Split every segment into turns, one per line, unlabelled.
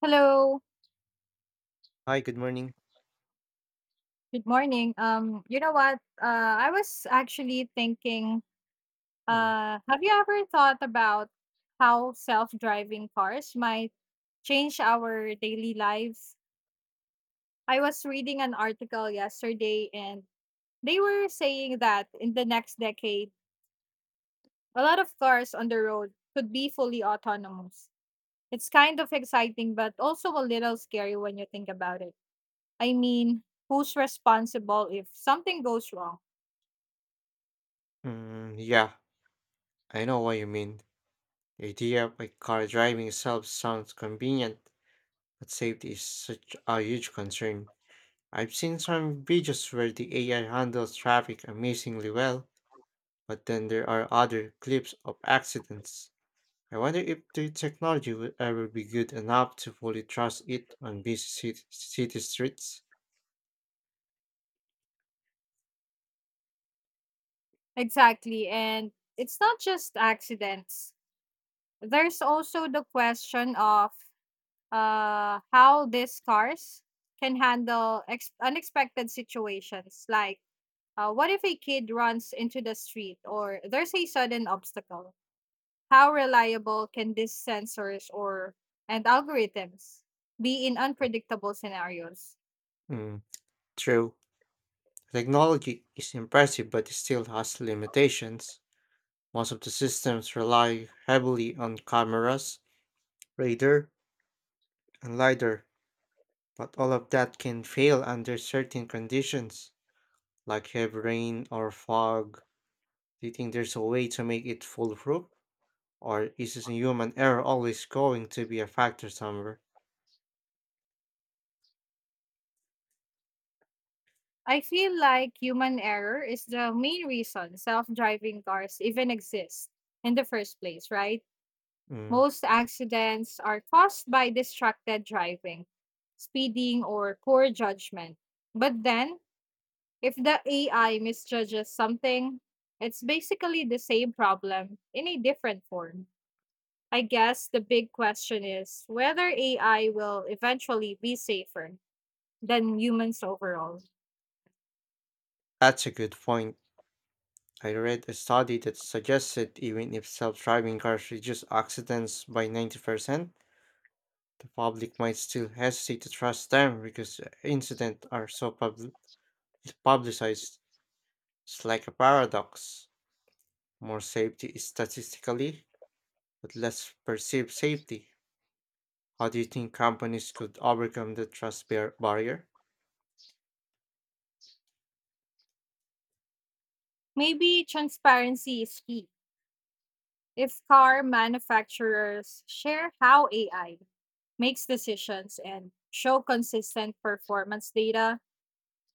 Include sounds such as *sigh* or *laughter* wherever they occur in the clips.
Hello.
Hi, good morning.
Good morning. You know what? I was actually thinking,
Mm,
have you ever thought about how self-driving cars might change our daily lives? I was reading an article yesterday and they were saying that in the next decade, a lot of cars on the road could be fully autonomous. It's kind of exciting, but also a little scary when you think about it. I mean, who's responsible if something goes wrong?
yeah, I know what you mean. The idea of a car driving itself sounds convenient, but safety is such a huge concern. I've seen some videos where the AI handles traffic amazingly well, but then there are other clips of accidents. I wonder if the technology will ever be good enough to fully trust it on busy city streets.
Exactly. And it's not just accidents. There's also the question of how these cars can handle unexpected situations. Like, what if a kid runs into the street or there's a sudden obstacle? How reliable can these sensors or and algorithms be in unpredictable scenarios?
Mm, true. Technology is impressive, but it still has limitations. Most of the systems rely heavily on cameras, radar, and lidar, but all of that can fail under certain conditions, like heavy rain or fog. Do you think there's a way to make it foolproof, or is this human error always going to be a factor somewhere?
I feel like human error is the main reason self driving cars even exist in the first place, right?
Mm,
Most accidents are caused by distracted driving, speeding, or poor judgment. But then, if the AI misjudges something, it's basically the same problem in a different form. I guess the big question is whether AI will eventually be safer than humans overall.
that's a good point. I read a study that suggested even if self driving cars reduce accidents by 90%, the public might still hesitate to trust them because incidents are so publicized. It's like a paradox. More safety is statistically, but less perceived safety. How do you think companies could overcome the trust barrier?
Maybe transparency is key. If car manufacturers share how AI makes decisions and show consistent performance data,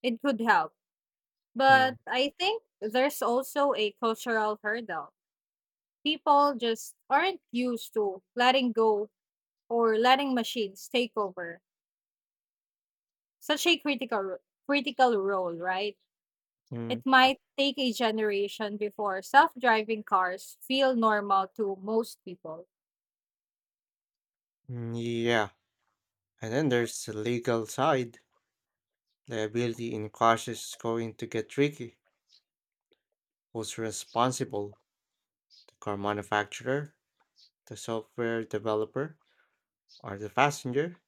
it could help. But
Mm,
I think there's also a cultural hurdle. People just aren't used to letting go or letting machines take over such a critical critical role, right? It
mm,
might take a generation before self-driving cars feel normal to most people.
mm, yeah, and then there's the legal side. Liability in crashes is going to get tricky. Who's responsible? The car manufacturer, the software developer, or the passenger?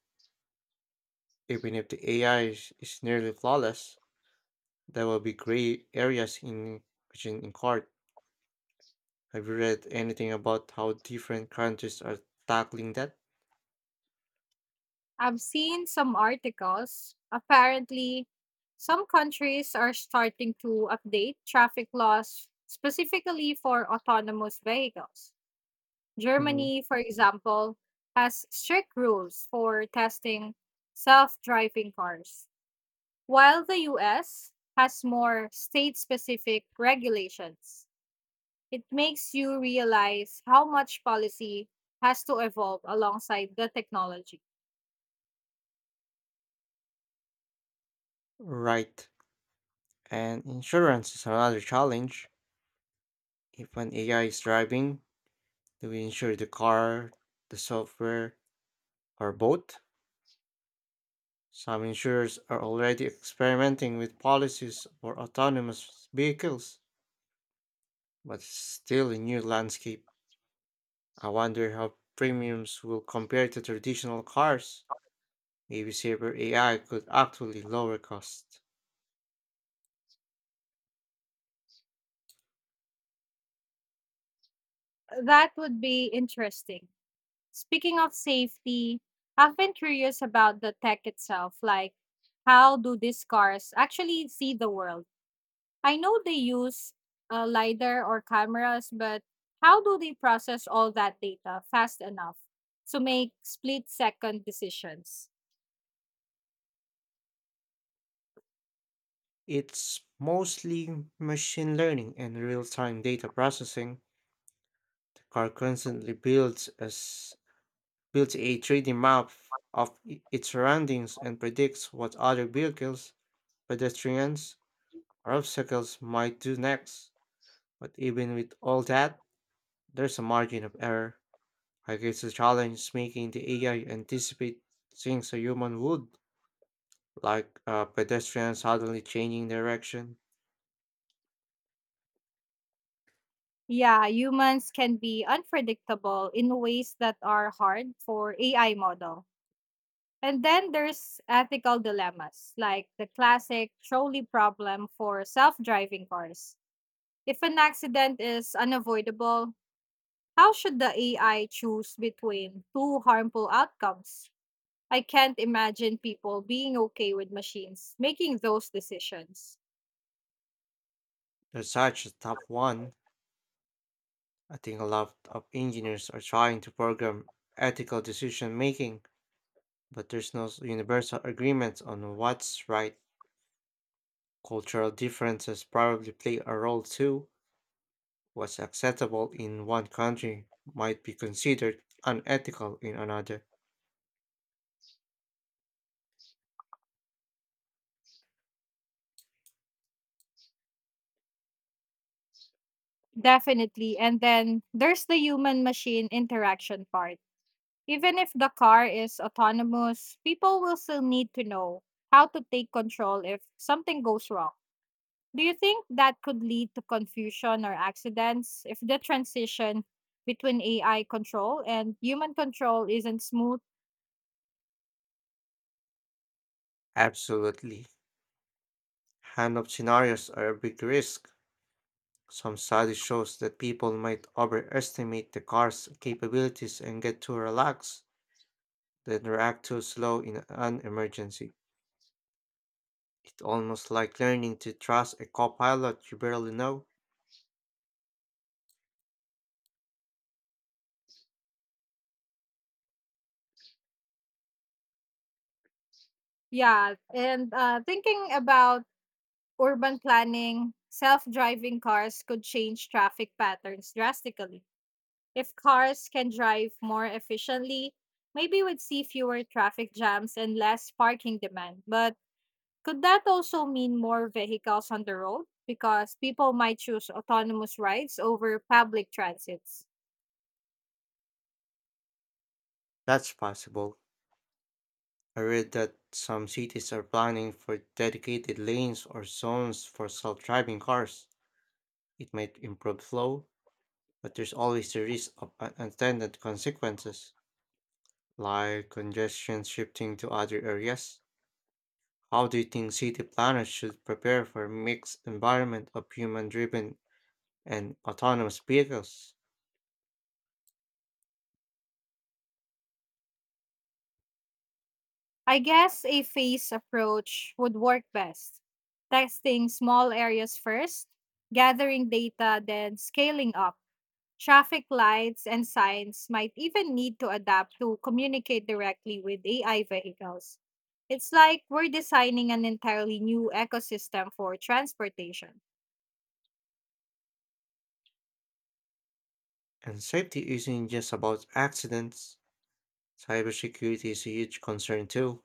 Even if the AI is nearly flawless, there will be gray areas in which in court. Have you read anything about how different countries are tackling that?
I've seen some articles. Apparently, some countries are starting to update traffic laws specifically for autonomous vehicles.
Mhm.
Germany, for example, has strict rules for testing self driving cars, while the US has more state specific regulations. It makes you realize how much policy has to evolve alongside the technology.
Right. And insurance is another challenge. If an AI is driving, do we insure the car, the software, or both? Some insurers are already experimenting with policies for autonomous vehicles, but it's still a new landscape. I wonder how premiums will compare to traditional cars. Maybe safer AI could actually lower costs.
That would be interesting. Speaking of safety, I've been curious about the tech itself. Like, how do these cars actually see the world? I know they use LiDAR or cameras, but how do they process all that data fast enough to make split second decisions?
It's mostly machine learning and real-time data processing. The car constantly builds as builds a 3D map of its surroundings and predicts what other vehicles, pedestrians, or obstacles might do next. But even with all that, there's a margin of error. I guess the challenge is making the AI anticipate things a human would, like a pedestrian suddenly changing direction.
Yeah, humans can be unpredictable in ways that are hard for AI model. And then there's ethical dilemmas, like the classic trolley problem for self-driving cars. If an accident is unavoidable, how should the AI choose between two harmful outcomes? I can't imagine people being okay with machines making those decisions.
That's such a tough one. I think a lot of engineers are trying to program ethical decision making, but there's no s- universal agreement on what's right. Cultural differences probably play a role too. What's acceptable in one country might be considered unethical in another.
Definitely. And then there's the human machine interaction part. Even if the car is autonomous, people will still need to know how to take control if something goes wrong. Do you think that could lead to confusion or accidents if the transition between AI control and human control isn't smooth?
Absolutely. Hand-up scenarios are a big risk. Some study shows that people might overestimate the car's capabilities and get too relaxed, then react too slow in an emergency. It's almost like learning to trust a co-pilot you barely know.
Yeah, and thinking about urban planning, self driving cars could change traffic patterns drastically. If cars can drive more efficiently, maybe we'd see fewer traffic jams and less parking demand. But could that also mean more vehicles on the road? Because people might choose autonomous rides over public transits.
That's possible. I read that some cities are planning for dedicated lanes or zones for self-driving cars. It might improve flow, but there's always the risk of unintended consequences, like congestion shifting to other areas. How do you think city planners should prepare for mixed environment of human-driven and autonomous vehicles?
I guess a phased approach would work best. Testing small areas first, gathering data, then scaling up. Traffic lights and signs might even need to adapt to communicate directly with AI vehicles. It's like we're designing an entirely new ecosystem for transportation.
And safety isn't just about accidents. Cybersecurity is a huge concern too.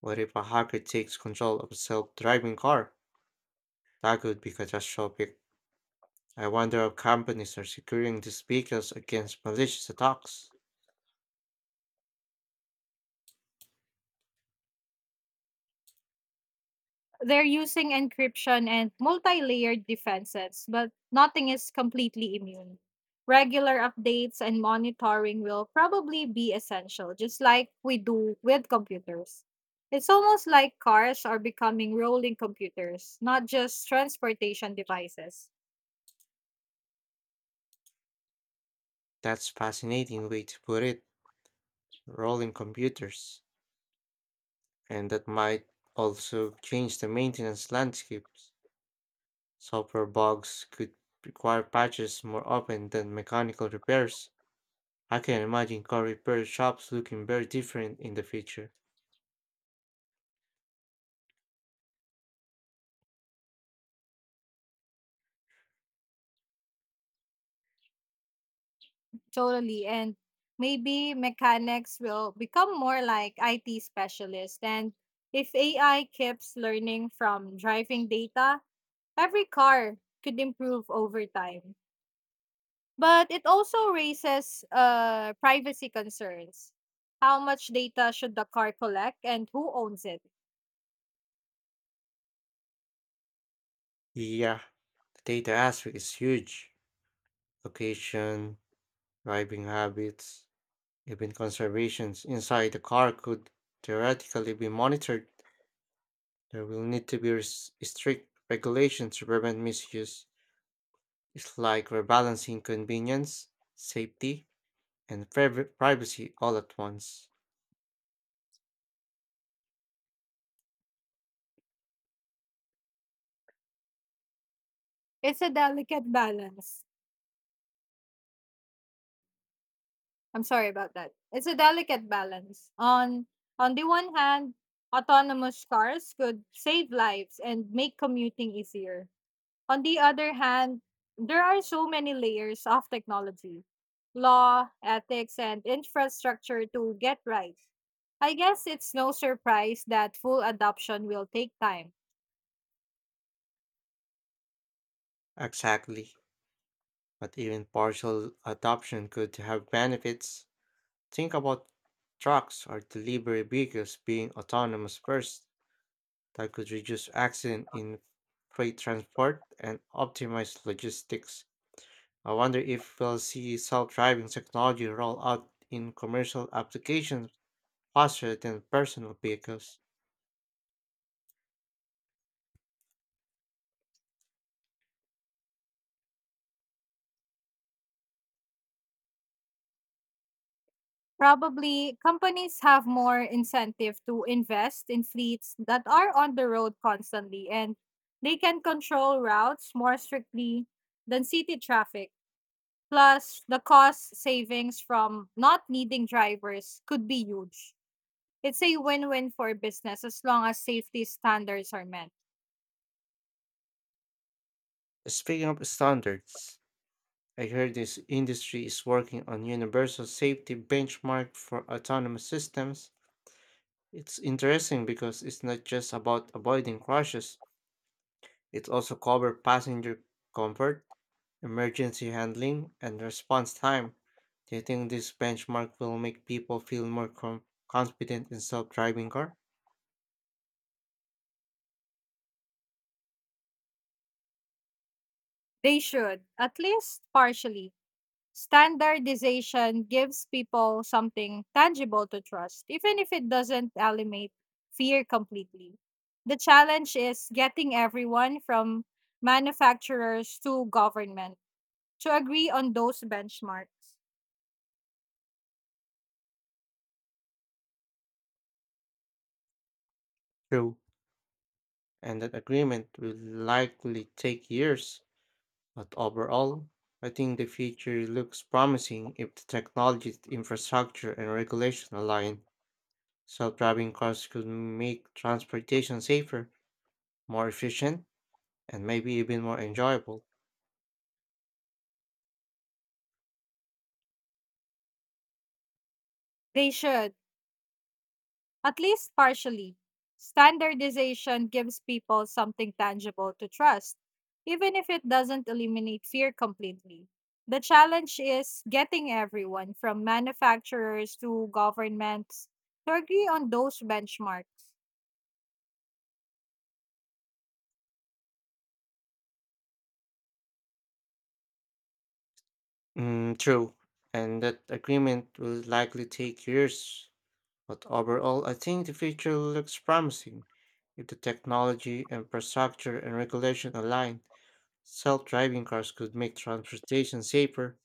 What if a hacker takes control of a self-driving car? That could be catastrophic. I wonder if companies are securing these vehicles against malicious attacks.
They're using encryption and multi layered defenses, but nothing is completely immune. Regular updates and monitoring will probably be essential, just like we do with computers. It's almost like cars are becoming rolling computers, not just transportation devices.
That's fascinating way to put it, rolling computers. And that might also change the maintenance landscapes. Software bugs could require patches more often than mechanical repairs. I can imagine car repair shops looking very different in the future.
Totally. And maybe mechanics will become more like IT specialists. And if AI keeps learning from driving data, every car could improve over time, but it also raises privacy concerns. How much data should the car collect and who owns it?
Yeah, the data aspect is huge. Location, driving habits, even conservations inside the car could theoretically be monitored. There will need to be strict regulations to prevent misuse. It's like we're balancing convenience, safety, and privacy all at once.
It's a delicate balance. I'm sorry about that. It's a delicate balance. On the one hand, autonomous cars could save lives and make commuting easier. On the other hand, there are so many layers of technology, law, ethics, and infrastructure to get right. I guess it's no surprise that full adoption will take time.
Exactly. But even partial adoption could have benefits. Think about trucks or delivery vehicles being autonomous first. That could reduce accident in freight transport and optimize logistics. I wonder if we'll see self driving technology roll out in commercial applications faster than personal vehicles.
Probably, companies have more incentive to invest in fleets that are on the road constantly and they can control routes more strictly than city traffic. Plus, the cost savings from not needing drivers could be huge. It's a win-win for business as long as safety standards are met.
Speaking of standards, I heard this industry is working on universal safety benchmark for autonomous systems. It's interesting because it's not just about avoiding crashes, it also covers passenger comfort, emergency handling, and response time. Do you think this benchmark will make people feel more confident in self-driving car?
They should, at least partially. Standardization gives people something tangible to trust, even if it doesn't eliminate fear completely. The challenge is getting everyone from manufacturers to government to agree on those benchmarks.
True, and that agreement will likely take years. But overall, I think the future looks promising if the technology, infrastructure, and regulation align. Self driving cars could make transportation safer, more efficient, and maybe even more enjoyable.
They should. At least partially, standardization gives people something tangible to trust, even if it doesn't eliminate fear completely. The challenge is getting everyone, from manufacturers to governments, to agree on those benchmarks.
True, and that agreement will likely take years. But overall, I think the future looks promising if the technology, infrastructure, and regulation align. Self driving cars could make transportation safer,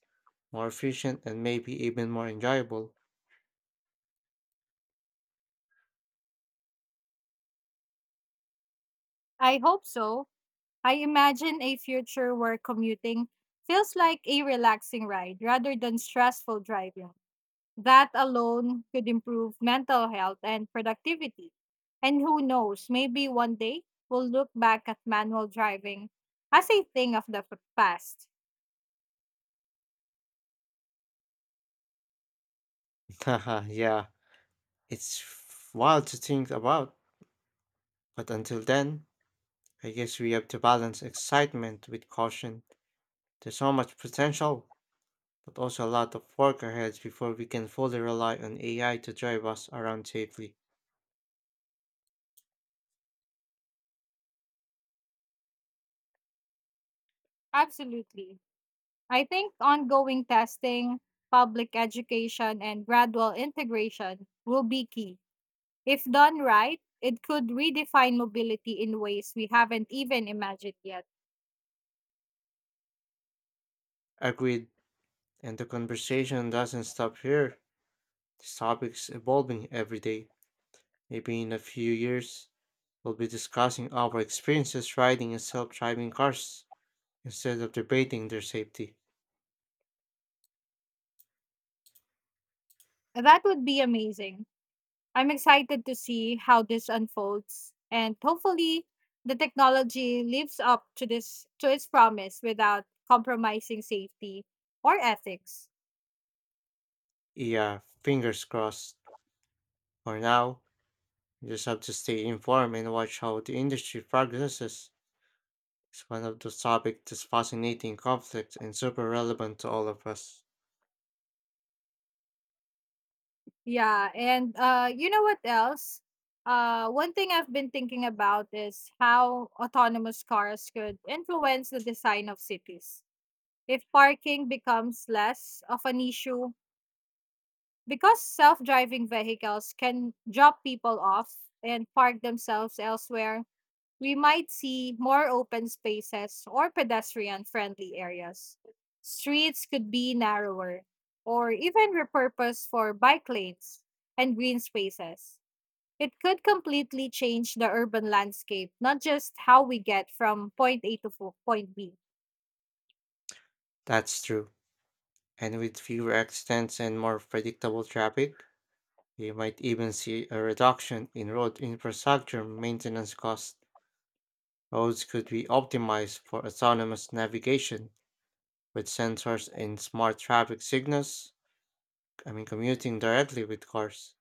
more efficient, and maybe even more enjoyable.
I hope so. I imagine a future where commuting feels like a relaxing ride rather than stressful driving. That alone could improve mental health and productivity. And who knows, maybe one day we'll look back at manual driving as a thing of the past.
*laughs* Haha, yeah, it's wild to think about. But until then, I guess we have to balance excitement with caution. There's so much potential, but also a lot of work ahead before we can fully rely on AI to drive us around safely.
Absolutely. I think ongoing testing, public education, and gradual integration will be key. If done right, it could redefine mobility in ways we haven't even imagined yet.
Agreed. And the conversation doesn't stop here. This topic's evolving every day. Maybe in a few years, we'll be discussing our experiences riding in self-driving cars, instead of debating their safety.
That would be amazing. I'm excited to see how this unfolds and hopefully the technology lives up to this to its promise without compromising safety or ethics.
Yeah, fingers crossed. For now, we just have to stay informed and watch how the industry progresses. It's one of those topics that's fascinating, complex, and super relevant to all of us.
Yeah, and you know what else? One thing I've been thinking about is how autonomous cars could influence the design of cities. If parking becomes less of an issue because self-driving vehicles can drop people off and park themselves elsewhere, we might see more open spaces or pedestrian friendly areas. Streets could be narrower or even repurposed for bike lanes and green spaces. It could completely change the urban landscape, not just how we get from point A to point B.
That's true. And with fewer accidents and more predictable traffic, we might even see a reduction in road infrastructure maintenance costs. Roads could be optimized for autonomous navigation with sensors and smart traffic signals, I mean, commuting directly with cars.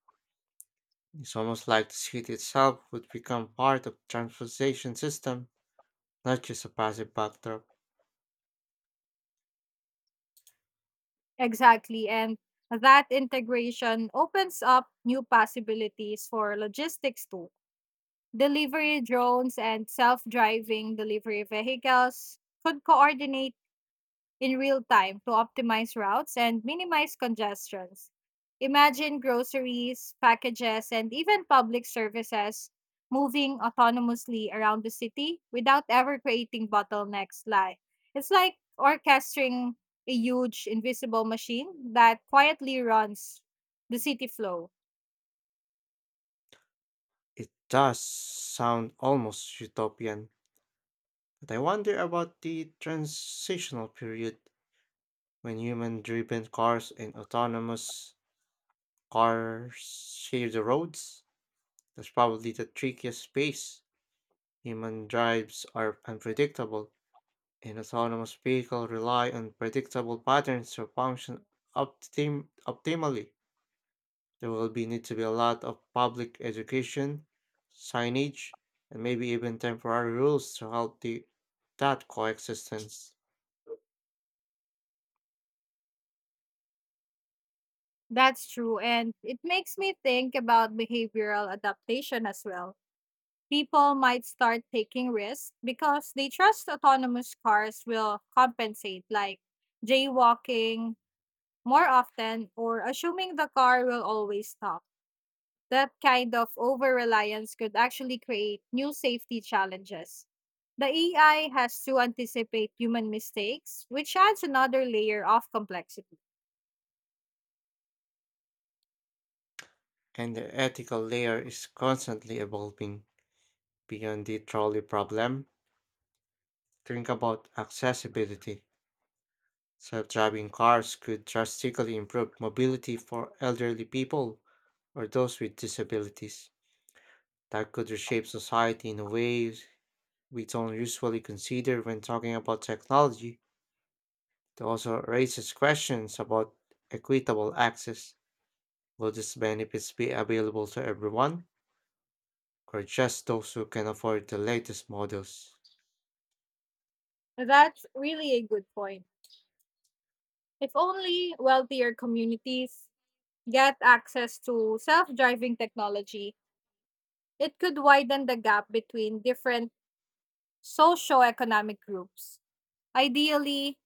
It's almost like the city itself would become part of transportation system, not just a passive backdrop.
Exactly. And that integration opens up new possibilities for logistics too. Delivery drones and self driving delivery vehicles could coordinate in real time to optimize routes and minimize congestions. Imagine groceries, packages, and even public services moving autonomously around the city without ever creating bottlenecks. Like, it's like orchestrating a huge invisible machine that quietly runs the city flow.
It does sound almost utopian, but I wonder about the transitional period when human-driven cars and autonomous cars share the roads. That's probably the trickiest space. Human drives are unpredictable, and autonomous vehicles rely on predictable patterns to function optimally. There will be need to be a lot of public education, signage, and maybe even temporary rules to help the that coexistence.
That's true. And it makes me think about behavioral adaptation as well. People might start taking risks because they trust autonomous cars will compensate, like jaywalking more often or assuming the car will always stop. That kind of over reliance could actually create new safety challenges. The AI has to anticipate human mistakes, which adds another layer of complexity.
And the ethical layer is constantly evolving beyond the trolley problem. Think about accessibility. Self-driving cars could drastically improve mobility for elderly people or those with disabilities. That could reshape society in ways we don't usually consider when talking about technology. It also raises questions about equitable access. Will these benefits be available to everyone, or just those who can afford the latest models?
That's really a good point. If only wealthier communities get access to self driving technology, it could widen the gap between different socioeconomic groups. Ideally,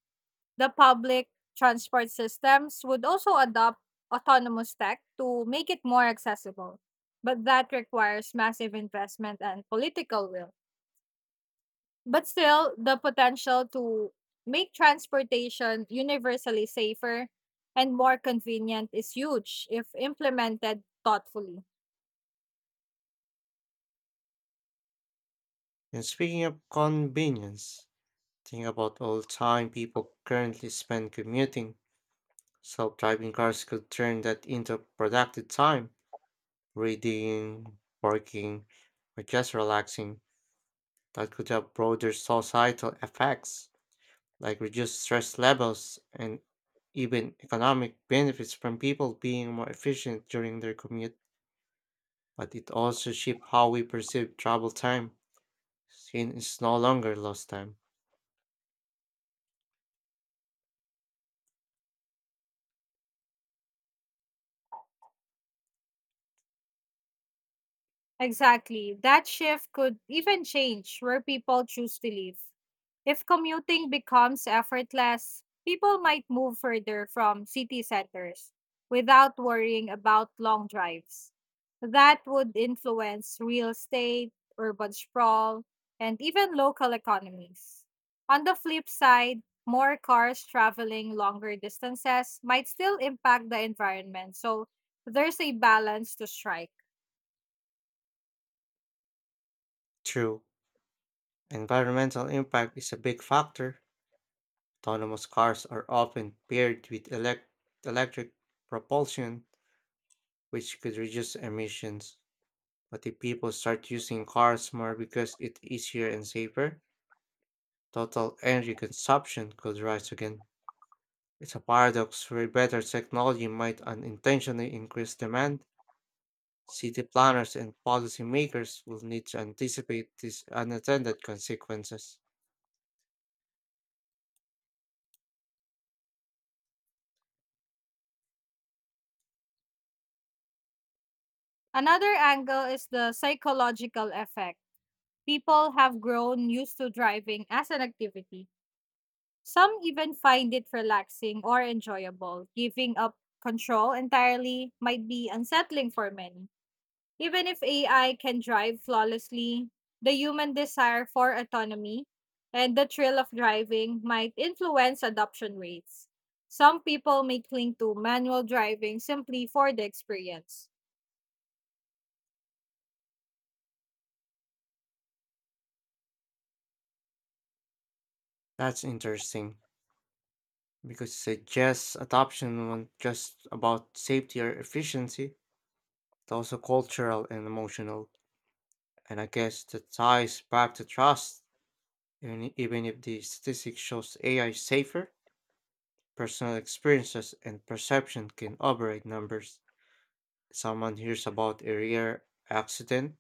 the public transport systems would also adopt autonomous tech to make it more accessible. But that requires massive investment and political will. But still, the potential to make transportation universally safer and more convenient is huge if implemented thoughtfully.
And speaking of convenience, think about all the time people currently spend commuting. Self driving cars could turn that into productive time, reading, working, or just relaxing. That could have broader societal effects, like reduced stress levels and even economic benefits from people being more efficient during their commute. But it also shifts how we perceive travel time, since it's no longer lost time.
Exactly. That shift could even change where people choose to live. If commuting becomes effortless, people might move further from city centers without worrying about long drives. That would influence real estate, urban sprawl, and even local economies. On the flip side, more cars traveling longer distances might still impact the environment, so there's a balance to strike.
True, environmental impact is a big factor. Autonomous cars are often paired with electric propulsion, which could reduce emissions. But if people start using cars more because it's easier and safer, total energy consumption could rise again. It's a paradox where better technology might unintentionally increase demand. City planners and policymakers will need to anticipate these unintended consequences.
Another angle is the psychological effect. People have grown used to driving as an activity. Some even find it relaxing or enjoyable. Giving up control entirely might be unsettling for many. Even if AI can drive flawlessly, the human desire for autonomy and the thrill of driving might influence adoption rates. Some people may cling to manual driving simply for the experience.
That's interesting because it suggests adoption was just about safety or efficiency, it's also cultural and emotional. And I guess that ties back to trust. Even if the statistics shows AI safer, personal experiences and perception can override numbers. Someone hears about a rare accident,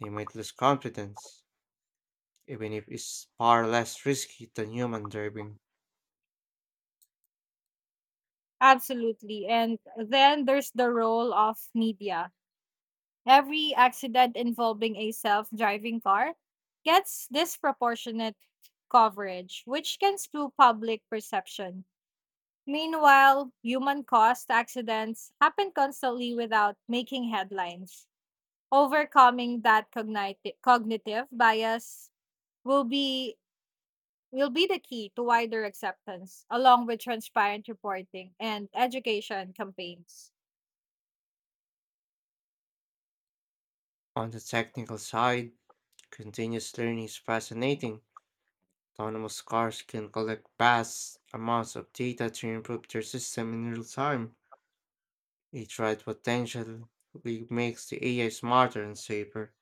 they might lose confidence, even if it's far less risky than human driving.
Absolutely. And then there's the role of media. Every accident involving a self driving car gets disproportionate coverage, which can skew public perception. Meanwhile, human caused accidents happen constantly without making headlines. Overcoming that cognitive bias will be will be the key to wider acceptance along with transparent reporting and education campaigns.
On the technical side, continuous learning is fascinating. Autonomous cars can collect vast amounts of data to improve their system in real time. Each ride potentially makes the AI smarter and safer,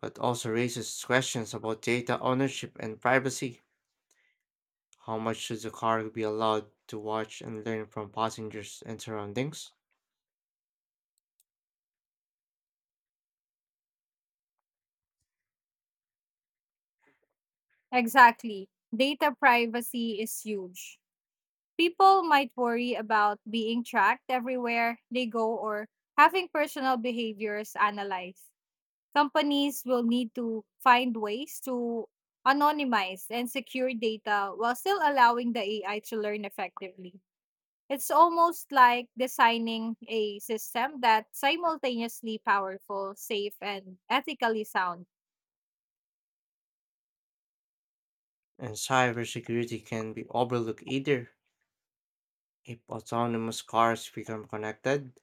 but also raises questions about data ownership and privacy. How much should the car be allowed to watch and learn from passengers and surroundings?
Exactly. Data privacy is huge. People might worry about being tracked everywhere they go or having personal behaviors analyzed. Companies will need to find ways to anonymize and secure data while still allowing the AI to learn effectively. It's almost like designing a system that's simultaneously powerful, safe, and ethically sound.
And cybersecurity can be overlooked either. If autonomous cars become connected,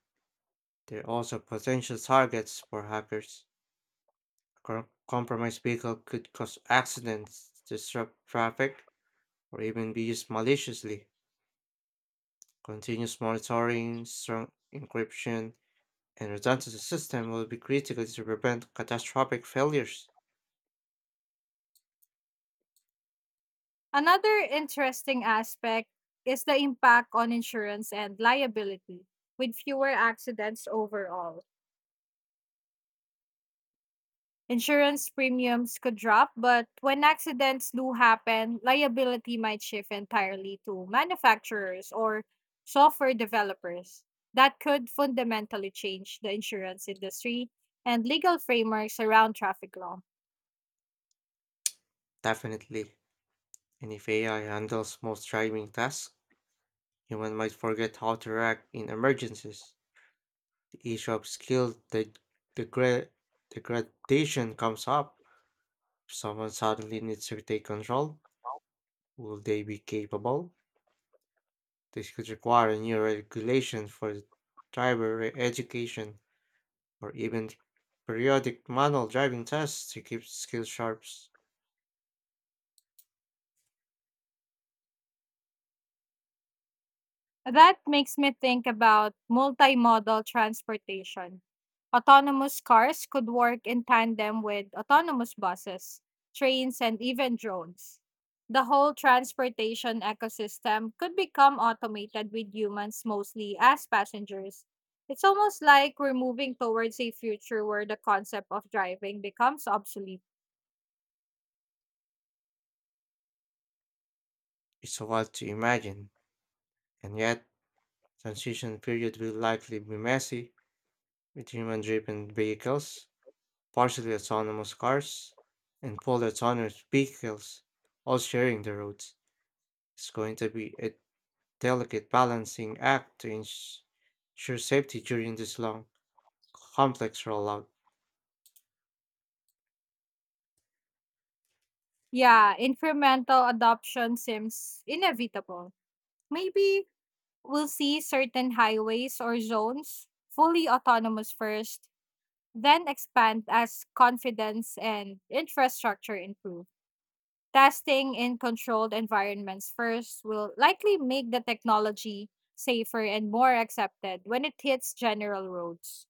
they're also potential targets for hackers. Compromised vehicle could cause accidents, disrupt traffic, or even be used maliciously. Continuous monitoring, strong encryption, and redundancy system will be critical to prevent catastrophic failures.
Another interesting aspect is the impact on insurance and liability. With fewer accidents overall, insurance premiums could drop, but when accidents do happen, liability might shift entirely to manufacturers or software developers. That could fundamentally change the insurance industry and legal frameworks around traffic law.
Definitely. And if AI handles most driving tasks, human might forget how to react in emergencies. The issue of degra- degradation comes up. If someone suddenly needs to take control, will they be capable? This could require a new regulation for driver education or even periodic manual driving tests to keep skills sharp.
That makes me think about multimodal transportation. Autonomous cars could work in tandem with autonomous buses, trains, and even drones. The whole transportation ecosystem could become automated with humans mostly as passengers. It's almost like we're moving towards a future where the concept of driving becomes obsolete.
It's a lot to imagine, and yet transition period will likely be messy with human-driven vehicles, partially autonomous cars, and fully autonomous vehicles, all sharing the roads. It's going to be a delicate balancing act to ensure safety during this long, complex rollout.
Yeah, incremental adoption seems inevitable. Maybe we'll see certain highways or zones fully autonomous first, then expand as confidence and infrastructure improve. Testing in controlled environments first will likely make the technology safer and more accepted when it hits general roads.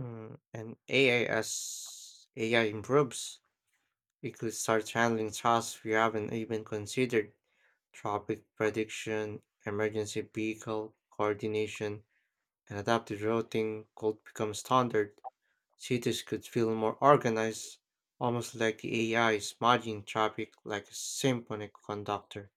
Mm, and AI as AI improves, it could start handling tasks we haven't even considered traffic prediction, emergency vehicle coordination, and adaptive routing could become standard. Cities could feel more organized, almost like the AI is managing traffic like a symphony conductor.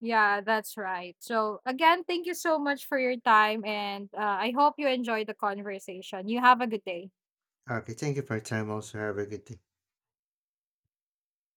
Yeah, that's right. So, again, thank you so much for your time, and I hope you enjoy the conversation. You have a good day.
Okay, thank you for your time. Also, have a good day.